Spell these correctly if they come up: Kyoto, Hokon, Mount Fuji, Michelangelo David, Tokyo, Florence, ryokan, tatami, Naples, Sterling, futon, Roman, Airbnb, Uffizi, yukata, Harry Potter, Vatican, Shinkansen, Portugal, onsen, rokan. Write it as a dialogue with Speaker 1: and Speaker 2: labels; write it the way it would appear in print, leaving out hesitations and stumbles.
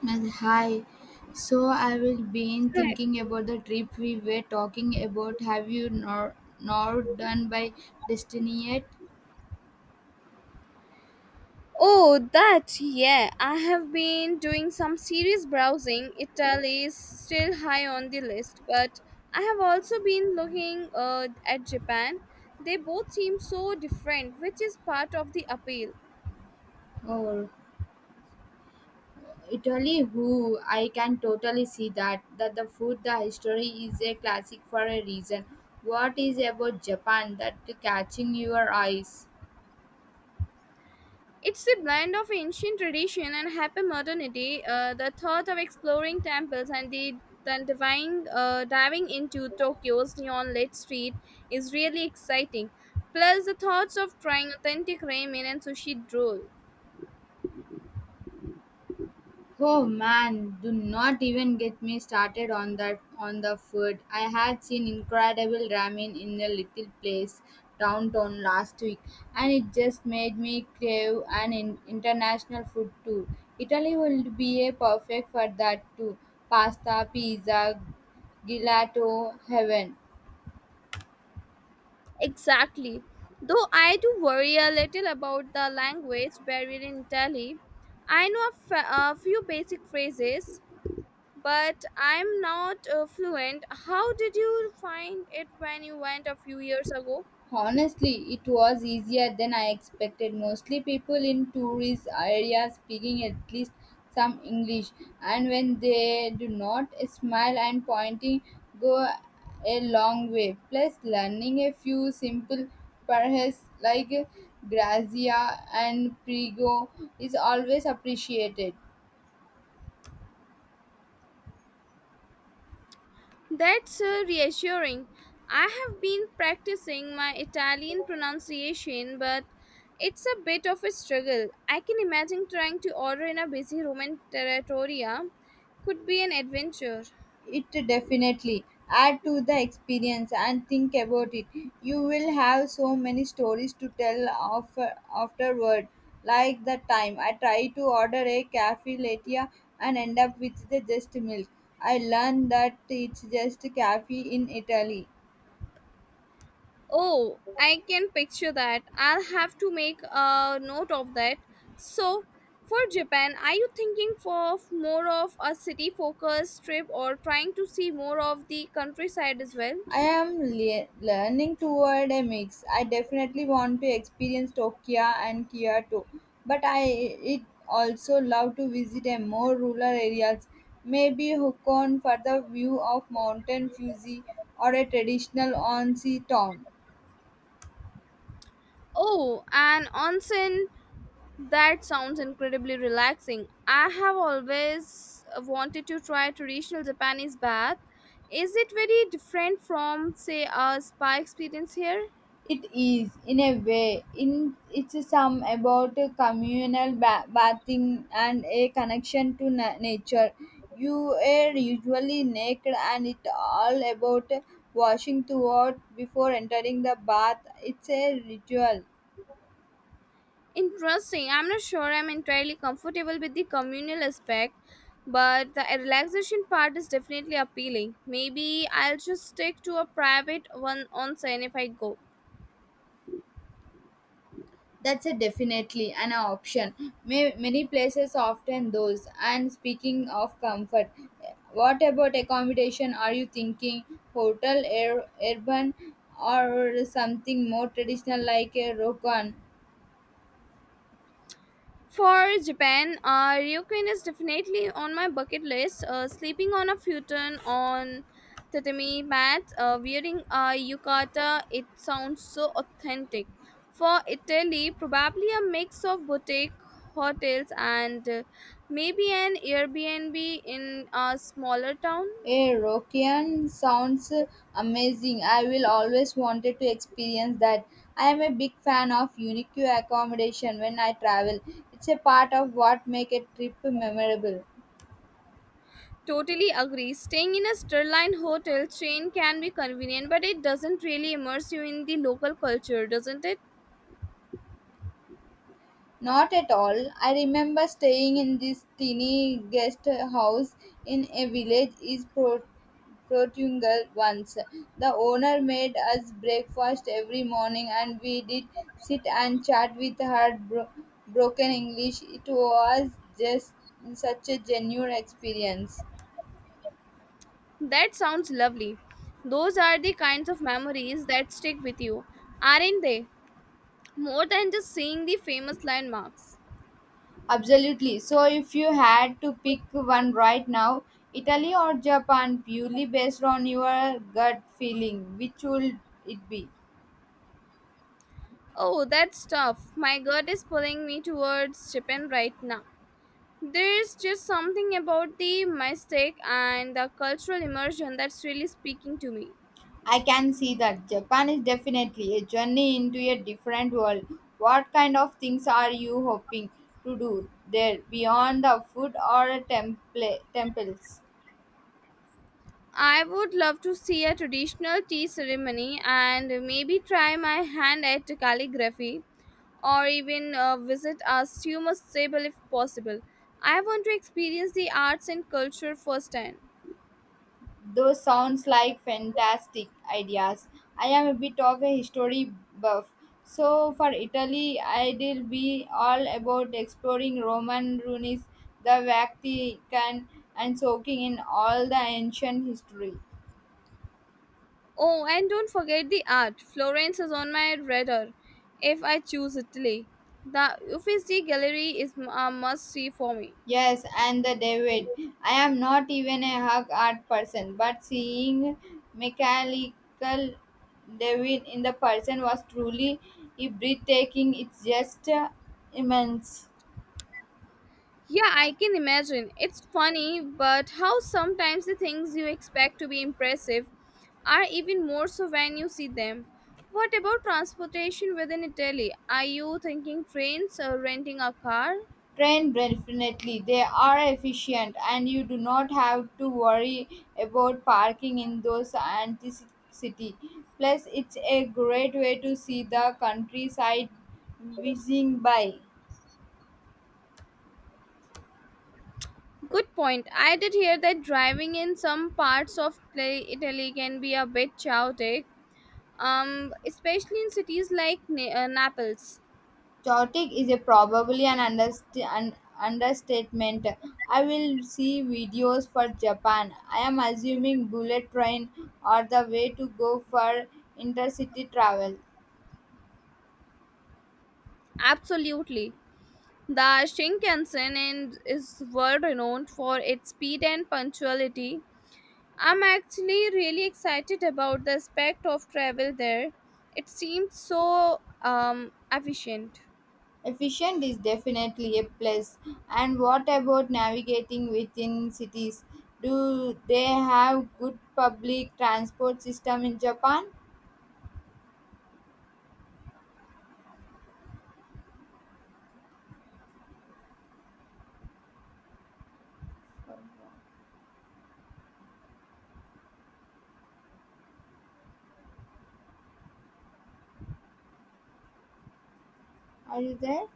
Speaker 1: Well, hi. So I will been
Speaker 2: Correct.
Speaker 1: thinking about the trip we were talking about. Have you nor not done by destiny yet?
Speaker 2: Oh, that, yeah. I have been doing some serious browsing. Italy is still high on the list, but I have also been looking at Japan. They both seem so different, which is part of the appeal.
Speaker 1: Oh, Italy! Who I can totally see that the food, the history is a classic for a reason. What is about Japan that catching your eyes?
Speaker 2: It's a blend of ancient tradition and hyper modernity. The thought of exploring temples and then diving into Tokyo's neon lit street is really exciting. Plus, the thoughts of trying authentic ramen and sushi roll.
Speaker 1: Oh man, do not even get me started on that on the food. I had seen incredible ramen in a little place downtown last week and it just made me crave an international food too. Italy would be a perfect for that too. Pasta, pizza, gelato heaven.
Speaker 2: Exactly. Though I do worry a little about the language barrier in Italy. I know a few basic phrases, but I'm not fluent. How did you find it when you went a few years ago?
Speaker 1: Honestly, it was easier than I expected. Mostly people in tourist areas speaking at least some English, and when they do not, a smile and pointing go a long way. Plus, learning a few simple phrases like grazia and prego is always appreciated.
Speaker 2: That's reassuring. I have been practicing my Italian pronunciation, but it's a bit of a struggle. I can imagine trying to order in a busy Roman territoria could be an adventure.
Speaker 1: It definitely add to the experience and think about it, you will have so many stories to tell of, afterward, like the time I tried to order a cafe latte and end up with the just milk. I learned that it's just cafe in Italy.
Speaker 2: Oh, I can picture that. I'll have to make a note of that. So, for Japan, are you thinking for more of a city focused trip or trying to see more of the countryside as well?
Speaker 1: Learning toward a mix. I definitely want to experience Tokyo and Kyoto, but I it also love to visit a more rural areas, maybe Hokon for the view of mountain Fuji or a traditional onsen town.
Speaker 2: Oh, an onsen. That sounds incredibly relaxing. I have always wanted to try traditional Japanese bath. Is it very different from, say, a spa experience here?
Speaker 1: It is, in a way, in it's a some about a bathing and a connection to nature. You are usually naked, and it all about washing throughout before entering the bath. It's a ritual.
Speaker 2: Interesting. I'm not sure I'm entirely comfortable with the communal aspect, but the relaxation part is definitely appealing. Maybe I'll just stick to a private one onsen if I go.
Speaker 1: That's a definitely an option. Many places often those. And speaking of comfort, what about accommodation? Are you thinking hotel, air, urban, or something more traditional like a rokan?
Speaker 2: For Japan, ryokan is definitely on my bucket list. Sleeping on a futon on tatami mat, wearing a yukata, it sounds so authentic. For Italy, probably a mix of boutique hotels and maybe an Airbnb in a smaller town.
Speaker 1: A rokan sounds amazing. I will always wanted to experience that. I am a big fan of unique accommodation when I travel. It's a part of what make a trip memorable.
Speaker 2: Totally agree. Staying in a Sterling hotel chain can be convenient, but it doesn't really immerse you in the local culture, doesn't it?
Speaker 1: Not at all. I remember staying in this tiny guest house in a village is Protungal once. The owner made us breakfast every morning and we did sit and chat with her broken English. It was just such a genuine experience.
Speaker 2: That sounds lovely. Those are the kinds of memories that stick with you, aren't they? More than just seeing the famous landmarks.
Speaker 1: Absolutely. So, if you had to pick one right now, Italy or Japan, purely based on your gut feeling, which would it be?
Speaker 2: Oh, that's tough. My gut is pulling me towards Japan right now. There's just something about the mystic and the cultural immersion that's really speaking to me.
Speaker 1: I can see that Japan is definitely a journey into a different world. What kind of things are you hoping to do there beyond the food or temples?
Speaker 2: I would love to see a traditional tea ceremony and maybe try my hand at calligraphy or even visit us you must stable if possible. I want to experience the arts and culture firsthand.
Speaker 1: Those sounds like fantastic ideas. I am a bit of a history buff. So for Italy, I'll be all about exploring Roman ruins, the Vatican, and soaking in all the ancient history.
Speaker 2: Oh, and don't forget the art. Florence is on my radar. If I choose Italy, the Uffizi gallery is a must see for me.
Speaker 1: Yes, and the David. I am not even a hug art person, but seeing mechanical David in the person was truly breathtaking. It's just immense.
Speaker 2: Yeah, I can imagine. It's funny but how sometimes the things you expect to be impressive are even more so when you see them. What about transportation within Italy? Are you thinking trains or renting a car?
Speaker 1: Train definitely. They are efficient, and you do not have to worry about parking in those city. Plus, it's a great way to see the countryside whizzing by.
Speaker 2: Good point. I did hear that driving in some parts of Italy can be a bit chaotic, especially in cities like Naples.
Speaker 1: Chaotic is a probably an, an understatement. I will see videos for Japan. I am assuming bullet train are the way to go for intercity travel.
Speaker 2: Absolutely. The Shinkansen is world renowned for its speed and punctuality. I'm actually really excited about the aspect of travel there. It seems so efficient.
Speaker 1: Efficient is definitely a plus. And what about navigating within cities? Do they have good public transport system in Japan? Are you there?